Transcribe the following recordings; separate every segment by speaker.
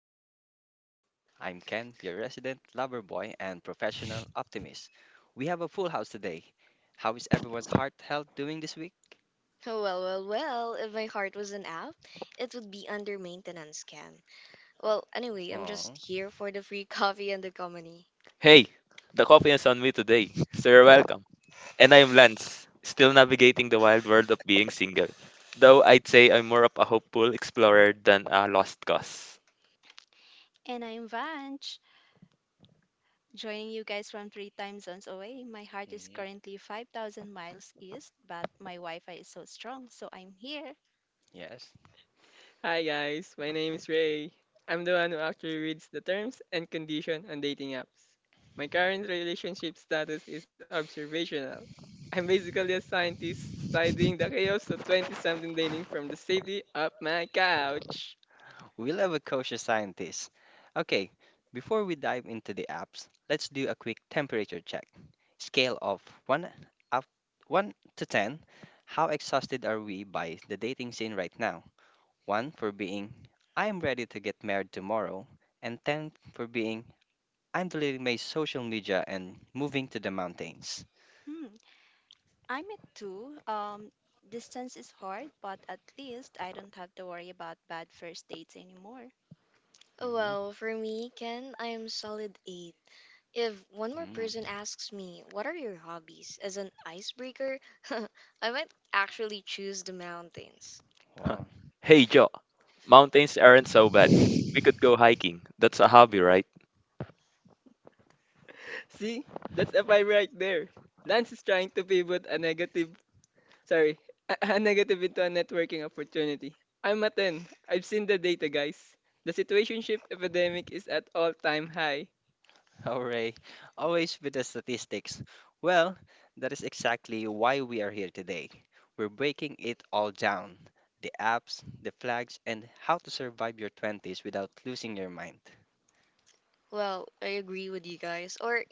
Speaker 1: the 20s Playbook. I'm Ken, your resident lover boy and professional optimist. We have a full house today. How is everyone's heart health doing this week?
Speaker 2: Oh, if my heart was an app, it would be under maintenance can. I'm just
Speaker 1: Aww.
Speaker 2: here for the free coffee and the comedy.
Speaker 3: Hey, the coffee is on me today, so you're welcome. And I'm Lance, still navigating the wild world of being single. Though I'd say I'm more of a hopeful explorer than a lost cause.
Speaker 4: And I'm Vanch, joining you guys from three time zones away. My heart is currently 5,000 miles east, but my Wi Fi is so strong, so I'm here.
Speaker 1: Yes.
Speaker 5: Hi guys, my name is Ray. I'm the one who actually reads the terms and condition on dating apps. My current relationship status is observational. I'm basically a scientist studying the chaos of 20-something dating from the safety of my couch.
Speaker 1: We'll have a kosher scientist. Okay, before we dive into the apps, let's do a quick temperature check. Scale of 1 up 1 to 10. How exhausted are we by the dating scene right now? One for being, I am ready to get married tomorrow, and 10 for being, I'm deleting my social media and moving to the mountains.
Speaker 4: Hmm, I'm at two. Distance is hard, but at least I don't have to worry about bad first dates anymore.
Speaker 1: Mhm.
Speaker 2: For me, Ken, I am solid 8. If one more
Speaker 1: Mm.
Speaker 2: person asks me, what are your hobbies as an icebreaker, I might actually choose the mountains.
Speaker 1: Wow.
Speaker 3: Hey, Joe, mountains aren't so bad. We could go hiking. That's a hobby, right?
Speaker 5: See, that's a vibe right there. Lance is trying to pivot a negative, sorry, a negative into a networking opportunity. I'm a 10. I've seen the data, guys. The situationship epidemic is at all-time high.
Speaker 1: Hooray. Always with the statistics. Well, that is exactly why we are here today. We're breaking it all down the apps, the flags, and how to survive your 20s without losing your mind.
Speaker 2: I agree with you guys. Or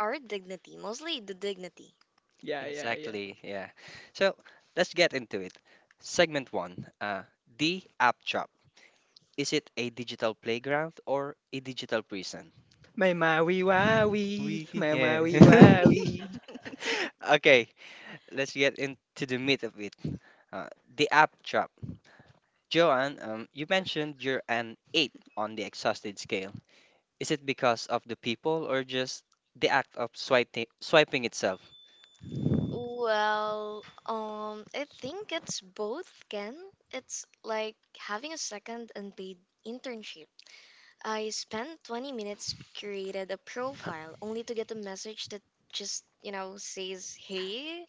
Speaker 2: our dignity, mostly the dignity.
Speaker 5: Yeah, yeah, yeah.
Speaker 1: Exactly, yeah. So let's get into it. Segment 1, the App Trap. Is it a digital playground or a digital prison?
Speaker 5: My Maui Wowie,
Speaker 1: We,
Speaker 5: my
Speaker 1: yeah.
Speaker 5: Maui Wowie.
Speaker 1: okay, let's get into the meat of it. The app trap. Joanne, you mentioned you're an eight on the exhausted scale. Is it because of the people or just the act of swiping itself?
Speaker 2: I think it's both, Ken. It's like having a second unpaid internship. I spent 20 minutes, created a profile, only to get a message that just, says, hey,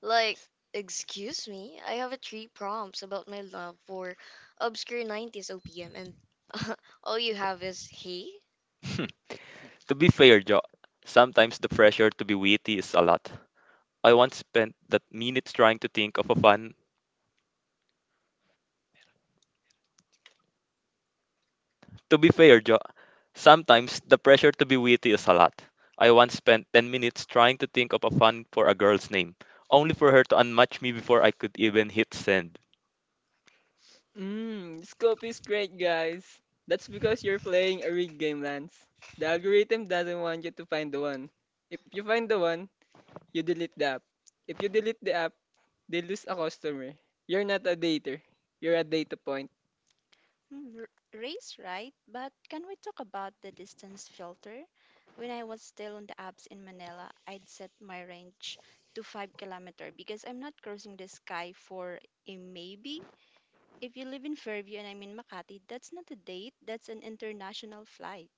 Speaker 2: like, excuse me, I have a three prompts about my love for obscure 90's OPM, and all you have is, hey?
Speaker 3: Hmm, to be fair, Joe, sometimes the pressure to be witty is a lot. I once spent that minutes trying to think of a fun. To be fair, Joe, sometimes the pressure to be witty is a lot. I once spent 10 minutes trying to think of a fun for a girl's name, only for her to unmatch me before I could even hit send.
Speaker 5: Mmm, scope is great, guys. That's because you're playing a rigged game, Lance. The algorithm doesn't want you to find the one. If you find the one, you delete the app. If you delete the app, they lose a customer. You're not a dater. You're a data point.
Speaker 4: Hmm, r- Race, right? But can we talk about the distance filter? When I was still on the apps in Manila, I'd set my range to 5 kilometers kilometer because I'm not crossing the sky for a maybe. If you live in Fairview and I'm in Makati, that's not a date, that's an international flight.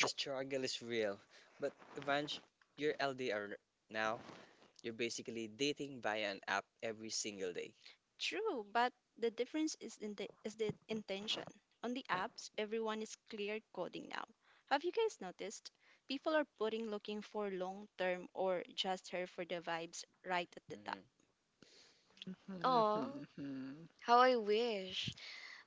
Speaker 1: The struggle is real, but Evange, you're LDR now. You're basically dating via an app every single day.
Speaker 4: True, but the difference is in the is the intention. On the apps, everyone is clear coding now. Have you guys noticed? People are putting looking for long term or just here for the vibes right at the top.
Speaker 1: Mhm.
Speaker 2: Aw, how I wish.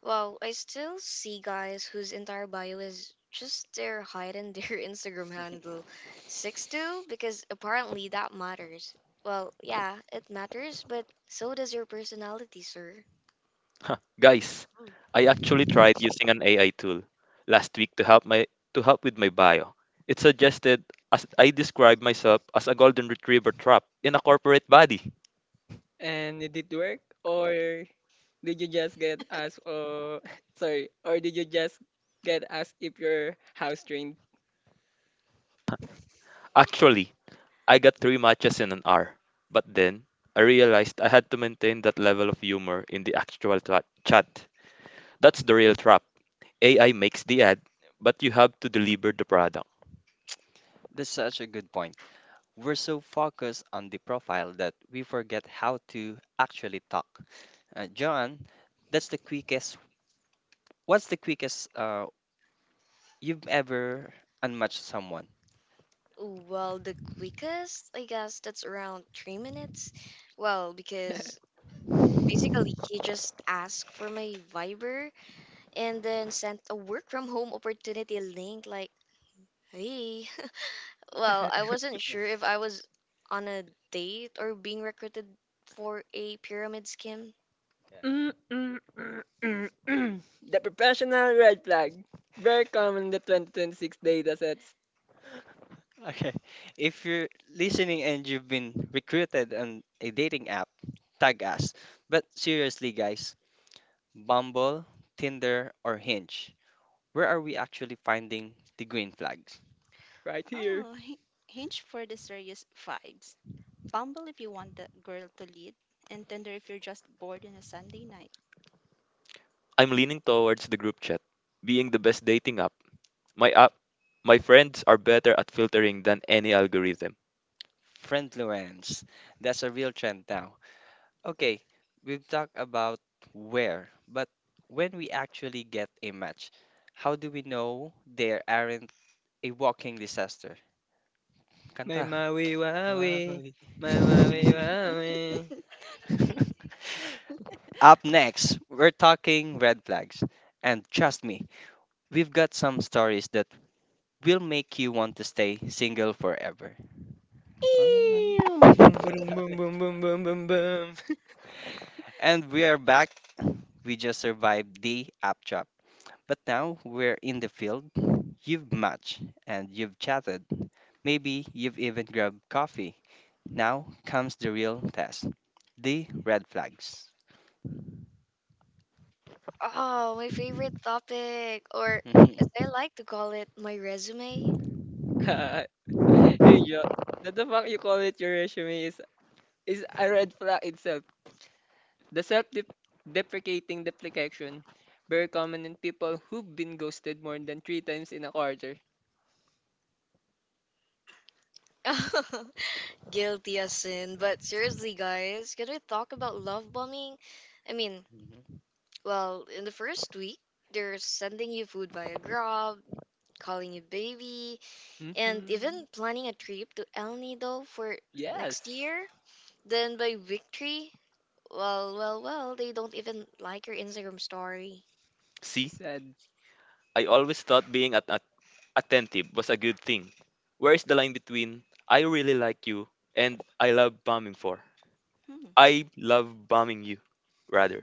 Speaker 2: Wow, I still see guys whose entire bio is just their height and their Instagram handle. 6'2" because apparently that matters. Well, yeah, it matters, but so does your personality, sir.
Speaker 5: yes.
Speaker 3: Guys, I actually tried using an AI tool last week to help my to help with my bio. It suggested as I describe myself as a golden retriever trap in a corporate body.
Speaker 5: And did it work? Or sorry, or did you just get asked if you're house trained?
Speaker 3: Actually, I got three matches in an hour. But then I realized I had to maintain that level of humor in the actual chat. That's the real trap. AI makes the ad, but you have to deliver the product.
Speaker 1: That's such a good point. We're so focused on the profile that we forget how to actually talk. John, that's the quickest. What's the quickest you've ever unmatched someone?
Speaker 2: The quickest, I guess that's around 3 minutes. Well, because basically he just asked for my Viber and then sent a work from home opportunity link, like, "Hey, I wasn't sure if I was on a date or being recruited for a pyramid scheme."
Speaker 5: Mm, mm, mm, mm, mm, the professional red flag. Very common in the 2026 data sets.
Speaker 1: Okay. If you're listening and you've been recruited on a dating app, tag us. But seriously, guys, Bumble, Tinder, or Hinge, where are we actually finding the green flags?
Speaker 5: Right here.
Speaker 4: Oh, Hi- Hinge for the serious vibes. Bumble if you want the girl to lead, and Tinder if you're just bored on a Sunday night.
Speaker 3: I'm leaning towards the group chat being the best dating app. My app, my friends are better at filtering than any algorithm.
Speaker 1: Friendfluence. That's a real trend now. Okay, we've talked about where, but when we actually get a match, how do we know there aren't a walking disaster?
Speaker 5: My
Speaker 1: Kanta.
Speaker 5: Maui Wawi. My Maui Wawi.
Speaker 1: Up next, we're talking red flags. And trust me, we've got some stories that will make you want to stay single forever. Ah.
Speaker 5: Eeeem. Boom, boom, boom, boom, boom, boom, boom, boom.
Speaker 1: And we are back. We just survived the app trap. But now we're in the field. You've matched and you've chatted. Maybe you've even grabbed coffee. Now comes the real test, the red flags.
Speaker 2: Oh, my favorite topic, or as I
Speaker 1: Mhm.
Speaker 2: like to call it, my resume.
Speaker 5: hey, yo. That the fuck you call it your resume is a red flag itself. The self deprecating deprecation, very common in people who've been ghosted more than 3 times in a quarter.
Speaker 2: Guilty as sin, but seriously, guys, can we talk about love bombing? I mean, in the first week, they're sending you food via Grab, calling you baby, and
Speaker 5: Hmm
Speaker 2: even planning a trip to El Nido for next
Speaker 5: Yes,
Speaker 2: year. Then by week three, they don't even like your Instagram story.
Speaker 3: See,
Speaker 5: said.
Speaker 3: I always thought being attentive was a good thing. Where is the line between I really like you and I love bombing for?
Speaker 4: Hmm.
Speaker 3: I love bombing you, rather.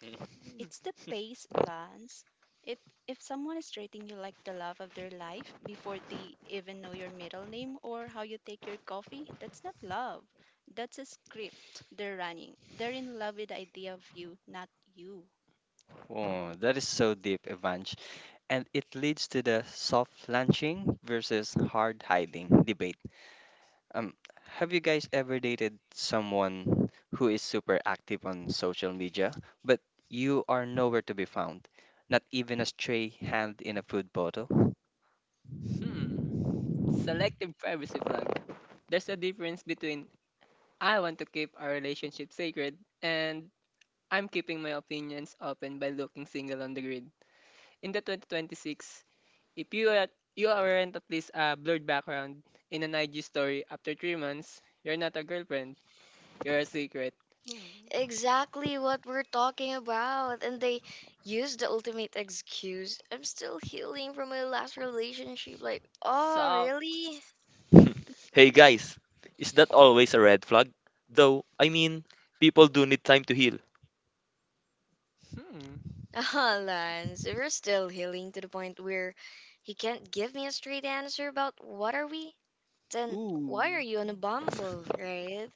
Speaker 1: Mhm.
Speaker 4: It's the pace,
Speaker 1: Mhm.
Speaker 4: Lance. If if someone is treating you like the love of their life before they even know your middle name or how you take your coffee, that's not love. That's a script they're running. They're in love with the idea of you, not you.
Speaker 1: Oh, that is so deep, Evange. And it leads to the soft launching versus hard hiding debate. Um, have you guys ever dated someone who is super active on social media, but you are nowhere to be found? Not even a stray hand in a food bottle?
Speaker 5: Hmm Selective privacy flag. There's a difference between I want to keep our relationship sacred and I'm keeping my opinions open by looking single on the grid. In the 2026, if you are, you aren't at least a blurred background in an IG story after 3 months, you're not a girlfriend. You're a secret.
Speaker 4: Hmm.
Speaker 2: Exactly what we're talking about. And they use the ultimate excuse. I'm still healing from my last relationship. Like, oh,
Speaker 5: So,
Speaker 2: really?
Speaker 3: Hey guys, is that always a red flag? Though, I mean, people do need time to heal.
Speaker 5: hmm.
Speaker 2: Ah, Lance, if you're still healing to the point where you can't give me a straight answer about what are we, then why are
Speaker 5: Ooh.
Speaker 2: you on a Bumble, right?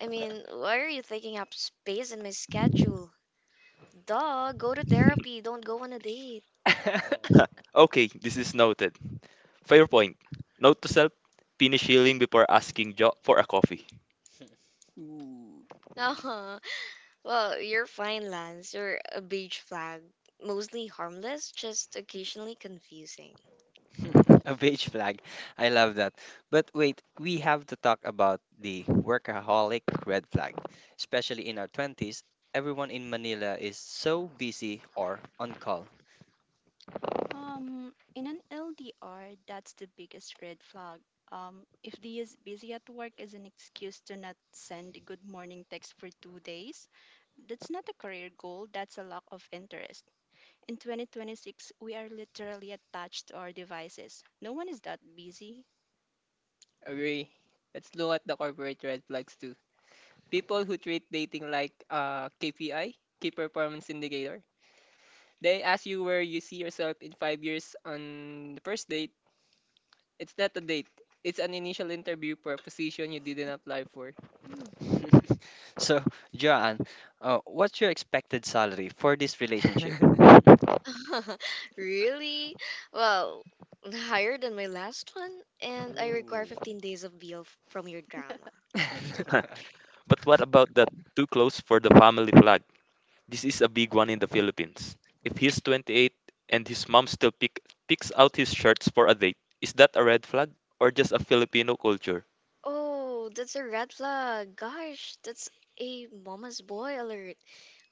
Speaker 2: I mean, why are you taking up space in my schedule? Duh, go to therapy, don't go on a date.
Speaker 3: Okay, this is noted. Fair point. Note to self, finish healing before asking Joe for a coffee.
Speaker 5: Ooh.
Speaker 2: Well, you're fine, Lance. You're a beige flag. Mostly harmless, just occasionally confusing.
Speaker 1: A beige flag. I love that. But wait, we have to talk about the workaholic red flag. Especially in our 20s, everyone in Manila is so busy or on call.
Speaker 4: In an LDR, that's the biggest red flag. If they is busy at work as an excuse to not send a good morning text for two days, that's not a career goal, that's a lack of interest. In 2026, we are literally attached to our devices. No one is that busy.
Speaker 5: Agree. Let's look at the corporate red flags too. People who treat dating like KPI, key performance indicator. They ask you where you see yourself in 5 years on the first date. It's not a date. It's an initial interview for a position you didn't apply for.
Speaker 4: Hmm.
Speaker 1: So, Joanne, what's your expected salary for this relationship?
Speaker 2: Really? Well, Higher than my last one, and I require
Speaker 1: Ooh.
Speaker 2: 15 days of BO from your drama.
Speaker 3: Huh. But what about that too close for the family flag? This is a big one in the Philippines. If he's 28 and his mom still picks out his shirts for a date, is that a red flag or just a Filipino culture?
Speaker 2: Oh, that's a red flag. Gosh, that's a mama's boy alert.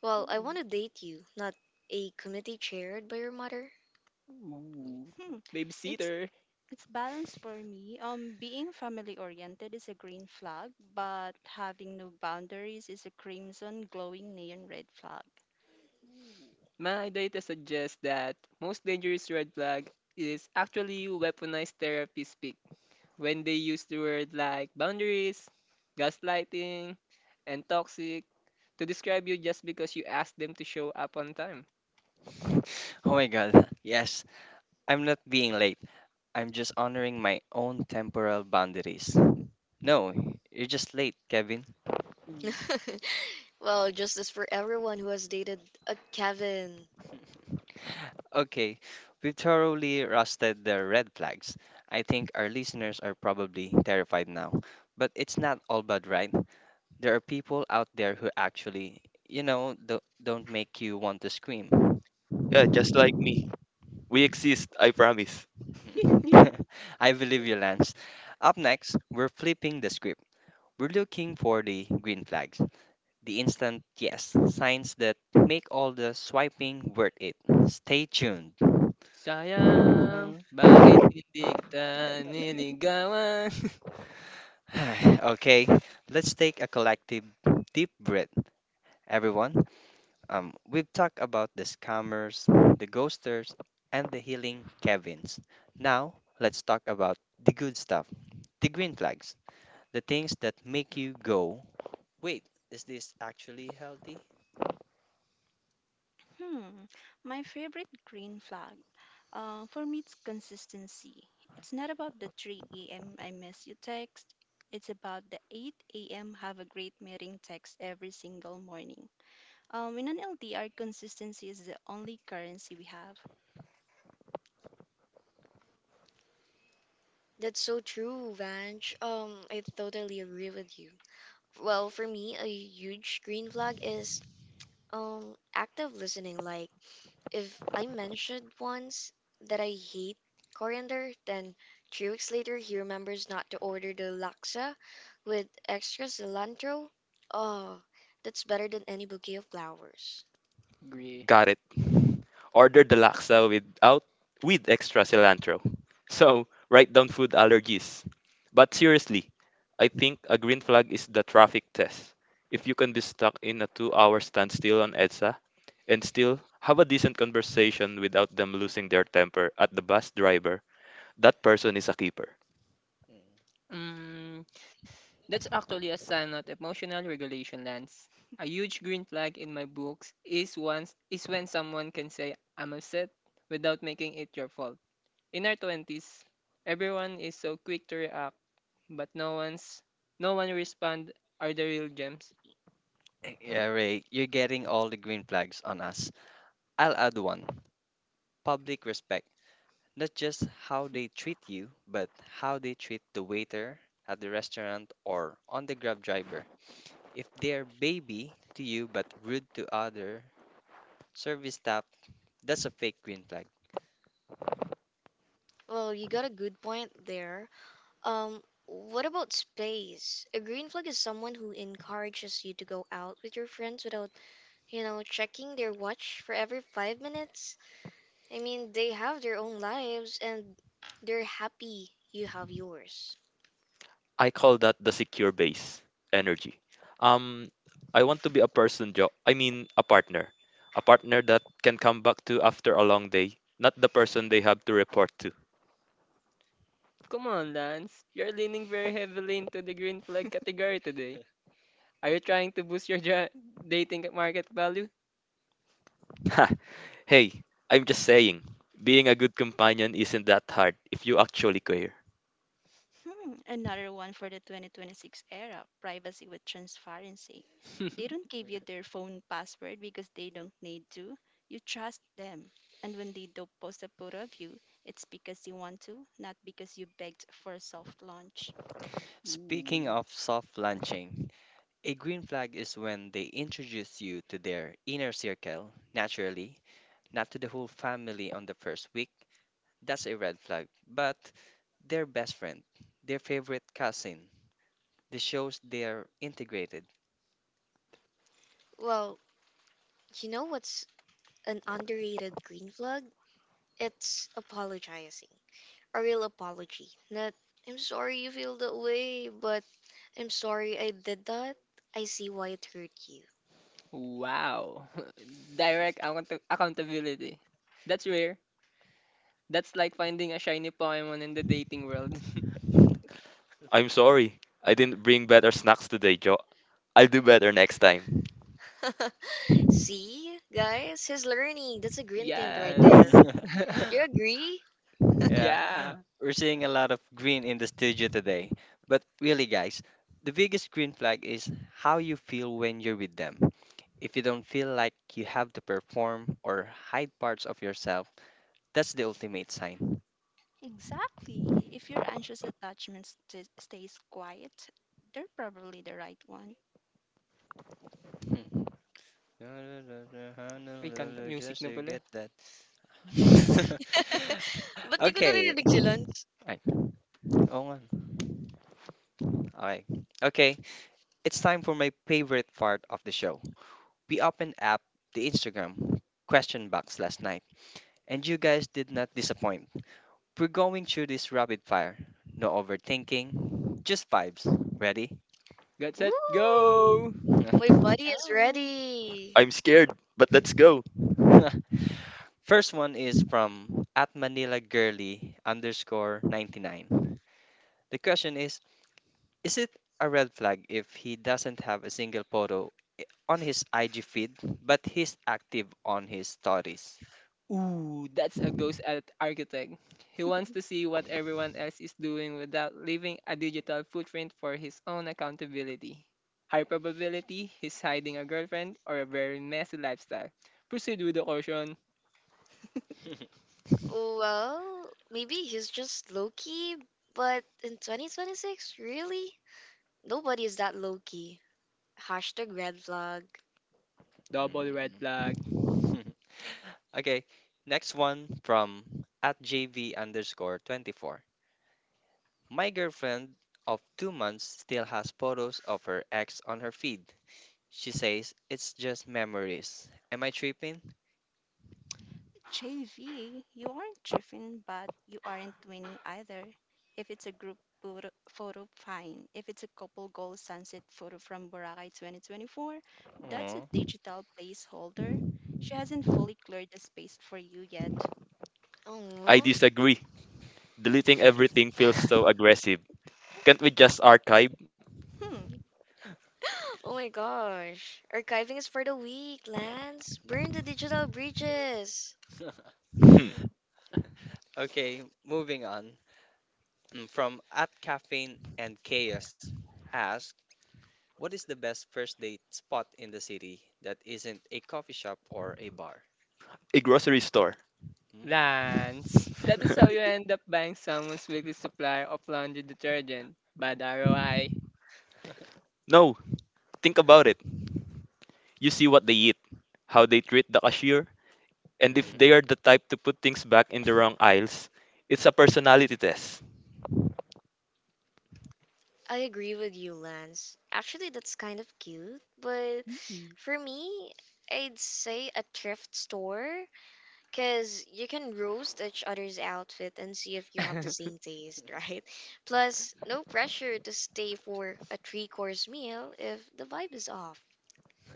Speaker 2: Well, I want to date you, not a committee chaired by your mother.
Speaker 5: Ooh.
Speaker 4: Hmm, It's
Speaker 5: Babysitter.
Speaker 4: it's balance for me. Being family oriented is a green flag, but having no boundaries is a crimson glowing neon red flag.
Speaker 5: My data suggests that most dangerous red flag is actually weaponized therapy speak. When they use the word like boundaries, gaslighting, and toxic to describe you just because you asked them to show up on time.
Speaker 1: oh my god. Yes, I'm not being late. I'm just honoring my own temporal boundaries. No, you're just late, Kevin.
Speaker 5: Ooh.
Speaker 2: Well, justice for everyone who has dated a Kevin.
Speaker 1: Okay, we've thoroughly rusted the red flags. I think our listeners are probably terrified now. But it's not all bad, right? There are people out there who actually, you know, don't make you want to scream.
Speaker 3: Yeah, just like me. We exist, I promise.
Speaker 1: I believe you, Lance. Up next, we're flipping the script. We're looking for the green flags, the instant yes signs that make all the swiping worth it. Stay tuned.
Speaker 5: Sayang,
Speaker 1: Mm.
Speaker 5: bakit hindi kita niligawan?
Speaker 1: okay, let's take a collective deep breath, everyone. We've talked about the scammers, the ghosters, and the healing Kevins. Now, let's talk about the good stuff, the green flags, the things that make you go, wait, is this actually healthy?
Speaker 4: Hmm, my favorite green flag. For me, it's consistency. It's not about the 3 a.m. I miss you text. It's about the 8 a.m. have a great meeting text every single morning. In an LDR, consistency is the only currency we have.
Speaker 2: That's so true, Vange. I totally agree with you. For me, a huge green flag is active listening. Like, if I mentioned once that I hate coriander, then 3 weeks later he remembers not to order the laksa with extra cilantro. Oh, that's better than any bouquet of flowers.
Speaker 5: Agree.
Speaker 3: Got it. Order the laksa without with extra cilantro. So write down food allergies. But seriously, I think a green flag is the traffic test. If you can be stuck in a two-hour standstill on EDSA and still have a decent conversation without them losing their temper at the bus driver, that person is a keeper.
Speaker 1: Hmm.
Speaker 5: Mm, That's actually a sign of emotional regulation, Lance. A huge green flag in my books is when someone can say I'm upset without making it your fault. In our twenties, everyone is so quick to react, but no one respond are the real gems.
Speaker 1: Yeah, Ray, you're getting all the green flags on us. I'll add one, public respect. Not just how they treat you, but how they treat the waiter at the restaurant or on the Grab driver. If they're baby to you but rude to other service staff, that's a fake green flag.
Speaker 2: Well, you got a good point there. What about space? A green flag is someone who encourages you to go out with your friends without, checking their watch for every 5 minutes. I mean, they have their own lives and they're happy you have yours.
Speaker 3: I call that the secure base energy. Um, I want to be a I mean, a partner that can come back to after a long day, not the person they have to report to.
Speaker 5: Come on, Lance. You're leaning very heavily into the green flag category today. Are you trying to boost your dating market value?
Speaker 3: Hey, I'm just saying, being a good companion isn't that hard if you actually care.
Speaker 4: Hmm, another one for the 2026 era: privacy with transparency. They don't give you their phone password because they don't need to. You trust them. And when they do post a photo of you, it's because you want to, not because you begged for a soft launch.
Speaker 1: Speaking of soft launching, a green flag is when they introduce you to their inner circle naturally, not to the whole family on the first week. That's a red flag. But their best friend, their favorite cousin, this shows they're integrated.
Speaker 2: Well, you know what's an underrated green flag? It's apologizing. A real apology. Not, "I'm sorry you feel that way," but "I'm sorry I did that. I see why it hurt you."
Speaker 5: Wow. Direct accountability. That's rare. That's like finding a shiny Pokemon in the dating world.
Speaker 3: I'm sorry, I didn't bring better snacks today, Jo. I'll do better next time.
Speaker 2: See, guys, he's learning. That's a green tint right there.
Speaker 5: yes.
Speaker 2: You agree?
Speaker 1: yeah,
Speaker 5: yeah.
Speaker 1: we're seeing a lot of green in the studio today. But really, guys, the biggest green flag is how you feel when you're with them. If you don't feel like you have to perform or hide parts of yourself, that's the ultimate sign.
Speaker 4: Exactly. If your anxious attachment stays quiet, they're probably the right one.
Speaker 1: Hmm.
Speaker 5: May kanta, music
Speaker 1: Just
Speaker 5: na
Speaker 1: to
Speaker 5: pala.
Speaker 1: get that.
Speaker 2: Ba't di ko
Speaker 1: okay.
Speaker 2: naririnig si Lance?
Speaker 1: Ay, oo nga. All right. Okay. It's time for my favorite part of the show. We opened up the Instagram question box last night, and you guys did not disappoint. We're going through this rapid fire. No overthinking, just vibes. Ready?
Speaker 5: Get set,
Speaker 2: Woo!
Speaker 5: go!
Speaker 2: My
Speaker 4: Let's
Speaker 2: buddy is
Speaker 4: go.
Speaker 2: ready.
Speaker 3: I'm scared, but let's go.
Speaker 1: First one is from at Manila Girly underscore 99. The question is it a red flag if he doesn't have a single photo on his IG feed but he's active on his stories?
Speaker 5: Ooh, that's a ghost at architect. He wants to see what everyone else is doing without leaving a digital footprint for his own accountability. High probability he's hiding a girlfriend or a very messy lifestyle. Proceed with the caution.
Speaker 2: Well, maybe he's just low key, but in 2026, really? Nobody is that low key. Hashtag red flag.
Speaker 5: Double red flag.
Speaker 1: Mm. okay, next one from at JV underscore 24. My girlfriend of 2 months still has photos of her ex on her feed. She says it's just memories. Am I tripping?
Speaker 4: JV, you aren't driven, but you aren't winning either. If it's a group photo, photo, fine. If it's a couple goal sunset photo from Boracay 2024, that's a
Speaker 1: Aw.
Speaker 4: digital placeholder. She hasn't fully cleared the space for you yet.
Speaker 3: I
Speaker 2: Oh,
Speaker 3: disagree. Deleting everything feels so aggressive. Can't we just archive?
Speaker 4: Hmm.
Speaker 2: oh my gosh. Archiving is for the weak, Lance. Burn the digital breaches.
Speaker 3: Hmm.
Speaker 1: Okay, moving on. Mm, from at caffeine and chaos, ask what is the best first date spot in the city that isn't a coffee shop or a bar?
Speaker 3: A grocery store.
Speaker 1: Mm.
Speaker 5: Rants. That is how you end up buying someone's weekly supply of laundry detergent. Bad ROI.
Speaker 3: No, think about it. You see what they eat, how they treat the cashier, and if
Speaker 1: Mhm.
Speaker 3: they are the type to put things back in the wrong aisles, it's a personality test.
Speaker 2: I agree with you, Lance. Actually, that's kind of cute, but
Speaker 5: Yee.
Speaker 2: for me, I'd say a thrift store because you can roast each other's outfit and see if you have the same taste, right? Plus, no pressure to stay for a three course meal if the vibe is off.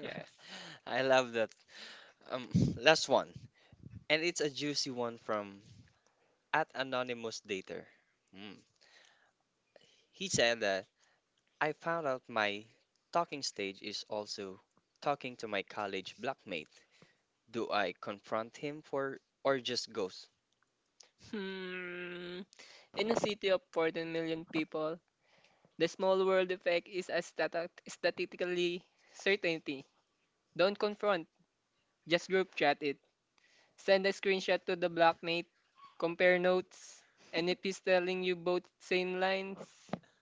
Speaker 5: yes.
Speaker 1: I love that. Um, last one, and it's a juicy one from at anonymous dater. Mm. He said that I found out my talking stage is also talking to my college blockmate. Do I confront him for or just ghost?
Speaker 5: Hmm. In a city of 14 million people, the small world effect is a statistically certainty. Don't confront, just group chat it. Send a screenshot to the blockmate, compare notes, and if he's telling you both same lines,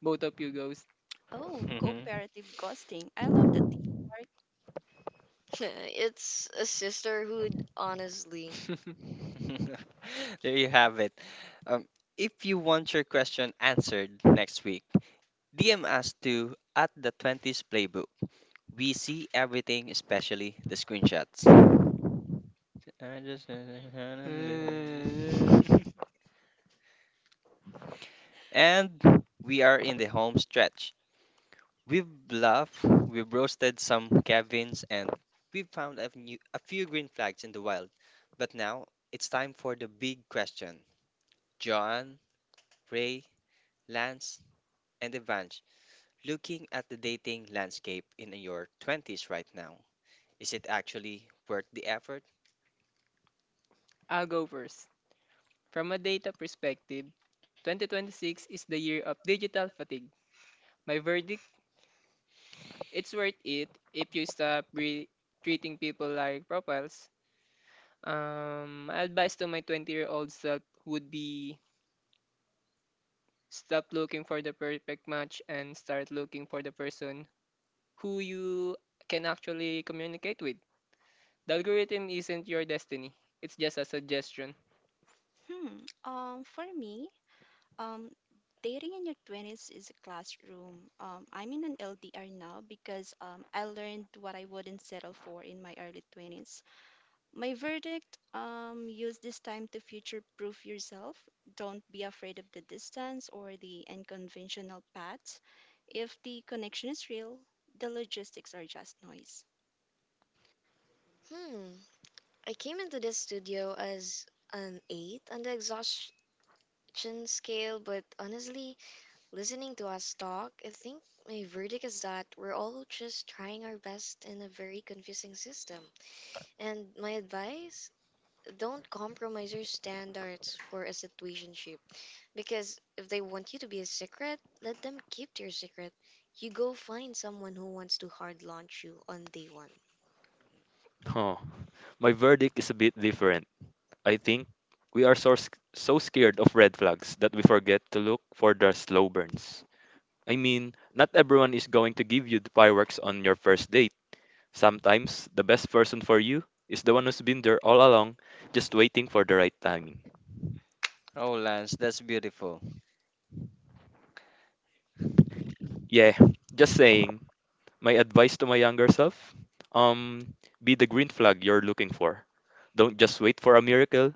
Speaker 5: both of you ghost.
Speaker 4: Oh,
Speaker 1: Mhm.
Speaker 4: cooperative ghosting. I love the teamwork.
Speaker 2: It's a sisterhood, honestly.
Speaker 1: there you have it. Um, if you want your question answered next week, DM us to at the 20s playbook. We see everything, especially the screenshots. I just—
Speaker 5: Uh,
Speaker 1: And we are in the home stretch. We've bluffed, we've roasted some Kevins, and we've found a few green flags in the wild. But now it's time for the big question. John, Ray, Lance, and Evange, looking at the dating landscape in your 20s right now, is it actually worth the effort?
Speaker 5: I'll go first. From a data perspective, 2026 is the year of digital fatigue. My verdict, it's worth it if you stop treating people like profiles. My advice to my 20-year-old self would be stop looking for the perfect match and start looking for the person who you can actually communicate with. The algorithm isn't your destiny. It's just a suggestion.
Speaker 4: Hmm. Um, for me, Um, Dating in your 20s is a classroom. I'm in an LDR now because I learned what I wouldn't settle for in my early 20s. My verdict: use this time to future proof yourself. Don't be afraid of the distance or the unconventional paths. If the connection is real, the logistics are just noise.
Speaker 2: Hmm. I came into this studio as an 8 on the exhaustion scale, but honestly, listening to us talk, I think my verdict is that we're all just trying our best in a very confusing system. And my advice, don't compromise your standards for a situationship. Because if they want you to be a secret, let them keep to your secret. You go find someone who wants to hard launch you on day one.
Speaker 3: Huh. My verdict is a bit different. I think we are so scared of red flags that we forget to look for the slow burns. I mean, not everyone is going to give you the fireworks on your first date. Sometimes the best person for you is the one who's been there all along, just waiting for the right timing.
Speaker 1: Oh, Lance, that's beautiful.
Speaker 3: Yeah, just saying. My advice to my younger self, um, be the green flag you're looking for. Don't just wait for a miracle.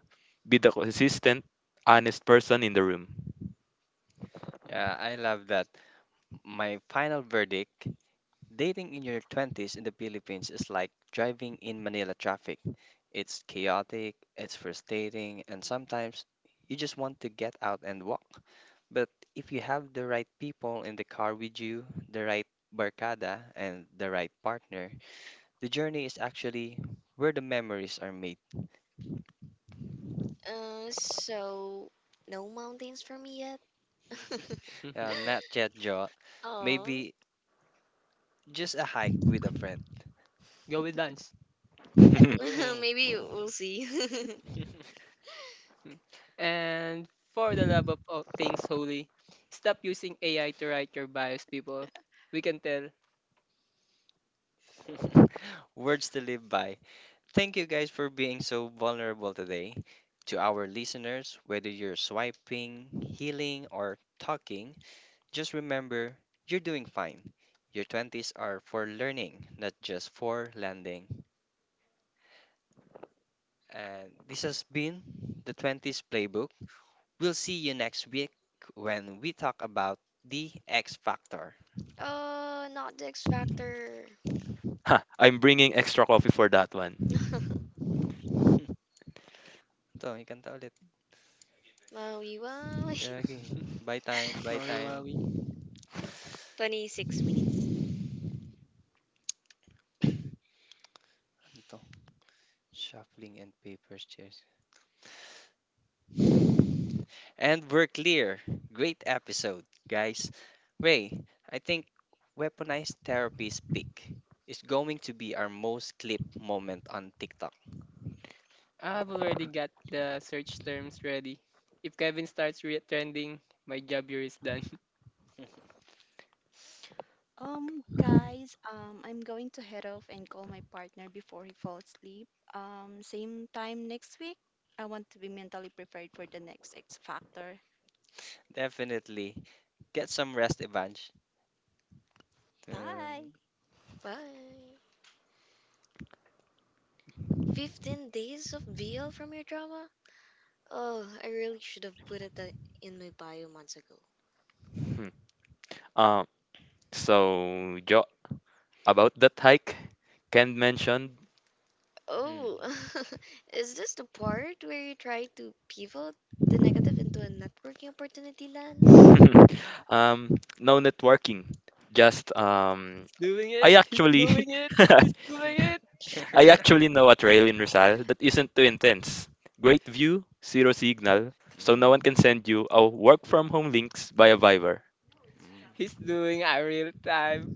Speaker 3: Be the consistent, honest person in the room.
Speaker 1: Yeah, I love that. My final verdict, dating in your 20s in the Philippines is like driving in Manila traffic. It's chaotic, it's frustrating, and sometimes you just want to get out and walk. But if you have the right people in the car with you, the right barkada, and the right partner, the journey is actually where the memories are made.
Speaker 2: So, no mountains for me yet?
Speaker 1: Not yet, Joe.
Speaker 2: Aw.
Speaker 1: Maybe just a hike with a friend.
Speaker 5: go with dance.
Speaker 1: Ooh.
Speaker 2: Maybe we'll see.
Speaker 5: Hmm. And for the love of all things holy, stop using AI to write your bios, people. We can tell.
Speaker 1: Words to live by. Thank you guys for being so vulnerable today. To our listeners, whether you're swiping, healing, or talking, just remember you're doing fine. Your 20s are for learning, not just for landing. And this has been the 20s Playbook. We'll see you next week when we talk about the X Factor.
Speaker 2: Uh, not the X Factor.
Speaker 3: Ha, I'm bringing extra coffee for that one.
Speaker 1: Ito, may kanta ulit.
Speaker 2: Wow, you wow.
Speaker 1: Gagi. Bye time, bye
Speaker 5: Maui
Speaker 1: time.
Speaker 5: Wawi.
Speaker 2: 26 minutes.
Speaker 1: Ano to? Shuffling and paper chairs. And we're clear. Great episode, guys. Ray, I think weaponized therapy's peak is going to be our most clipped moment on TikTok.
Speaker 5: I've already got the search terms ready. If Kevin starts trending, my job here is done.
Speaker 4: Guys, I'm going to head off and call my partner before he falls asleep. Same time next week. I want to be mentally prepared for the next X Factor.
Speaker 1: Definitely. Get some rest, Evange. Um,
Speaker 4: Bye.
Speaker 2: Bye. 15 days of BL from your drama? Oh, I really should have put it that in my bio months ago.
Speaker 3: Hmm. Um, so, Jo, about that hike, Ken mentioned.
Speaker 2: Oh,
Speaker 1: hmm.
Speaker 2: is this the part where you try to pivot the negative into a networking opportunity lens?
Speaker 3: No networking. Just
Speaker 5: He's doing it.
Speaker 3: I
Speaker 5: He's
Speaker 3: actually
Speaker 5: doing it. He's doing it.
Speaker 3: I actually know a trail in Rizal that isn't too intense. Great view, zero signal, so no
Speaker 1: Mhm,
Speaker 3: one can send you a work from home links via Viber.
Speaker 5: He's doing a real time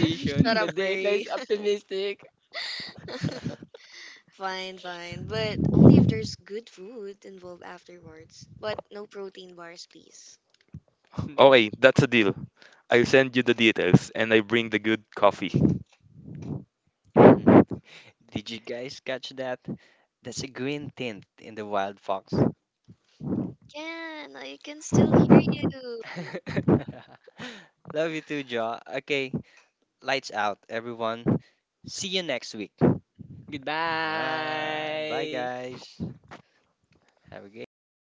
Speaker 2: Shut
Speaker 5: The
Speaker 2: up,
Speaker 5: data
Speaker 2: Ray.
Speaker 5: is optimistic.
Speaker 2: Fine. But only if there's good food involved afterwards. But no protein bars, please.
Speaker 3: Okay, that's a deal. I'll send you the details and I bring the good coffee.
Speaker 1: Did you guys catch that? That's a green tint in the wild fox.
Speaker 2: Can, I can still hear you.
Speaker 1: Love you too, Ja. Okay, lights out, everyone. See you next week. Bye. Bye,
Speaker 5: Goodbye.
Speaker 1: guys. Have a great time.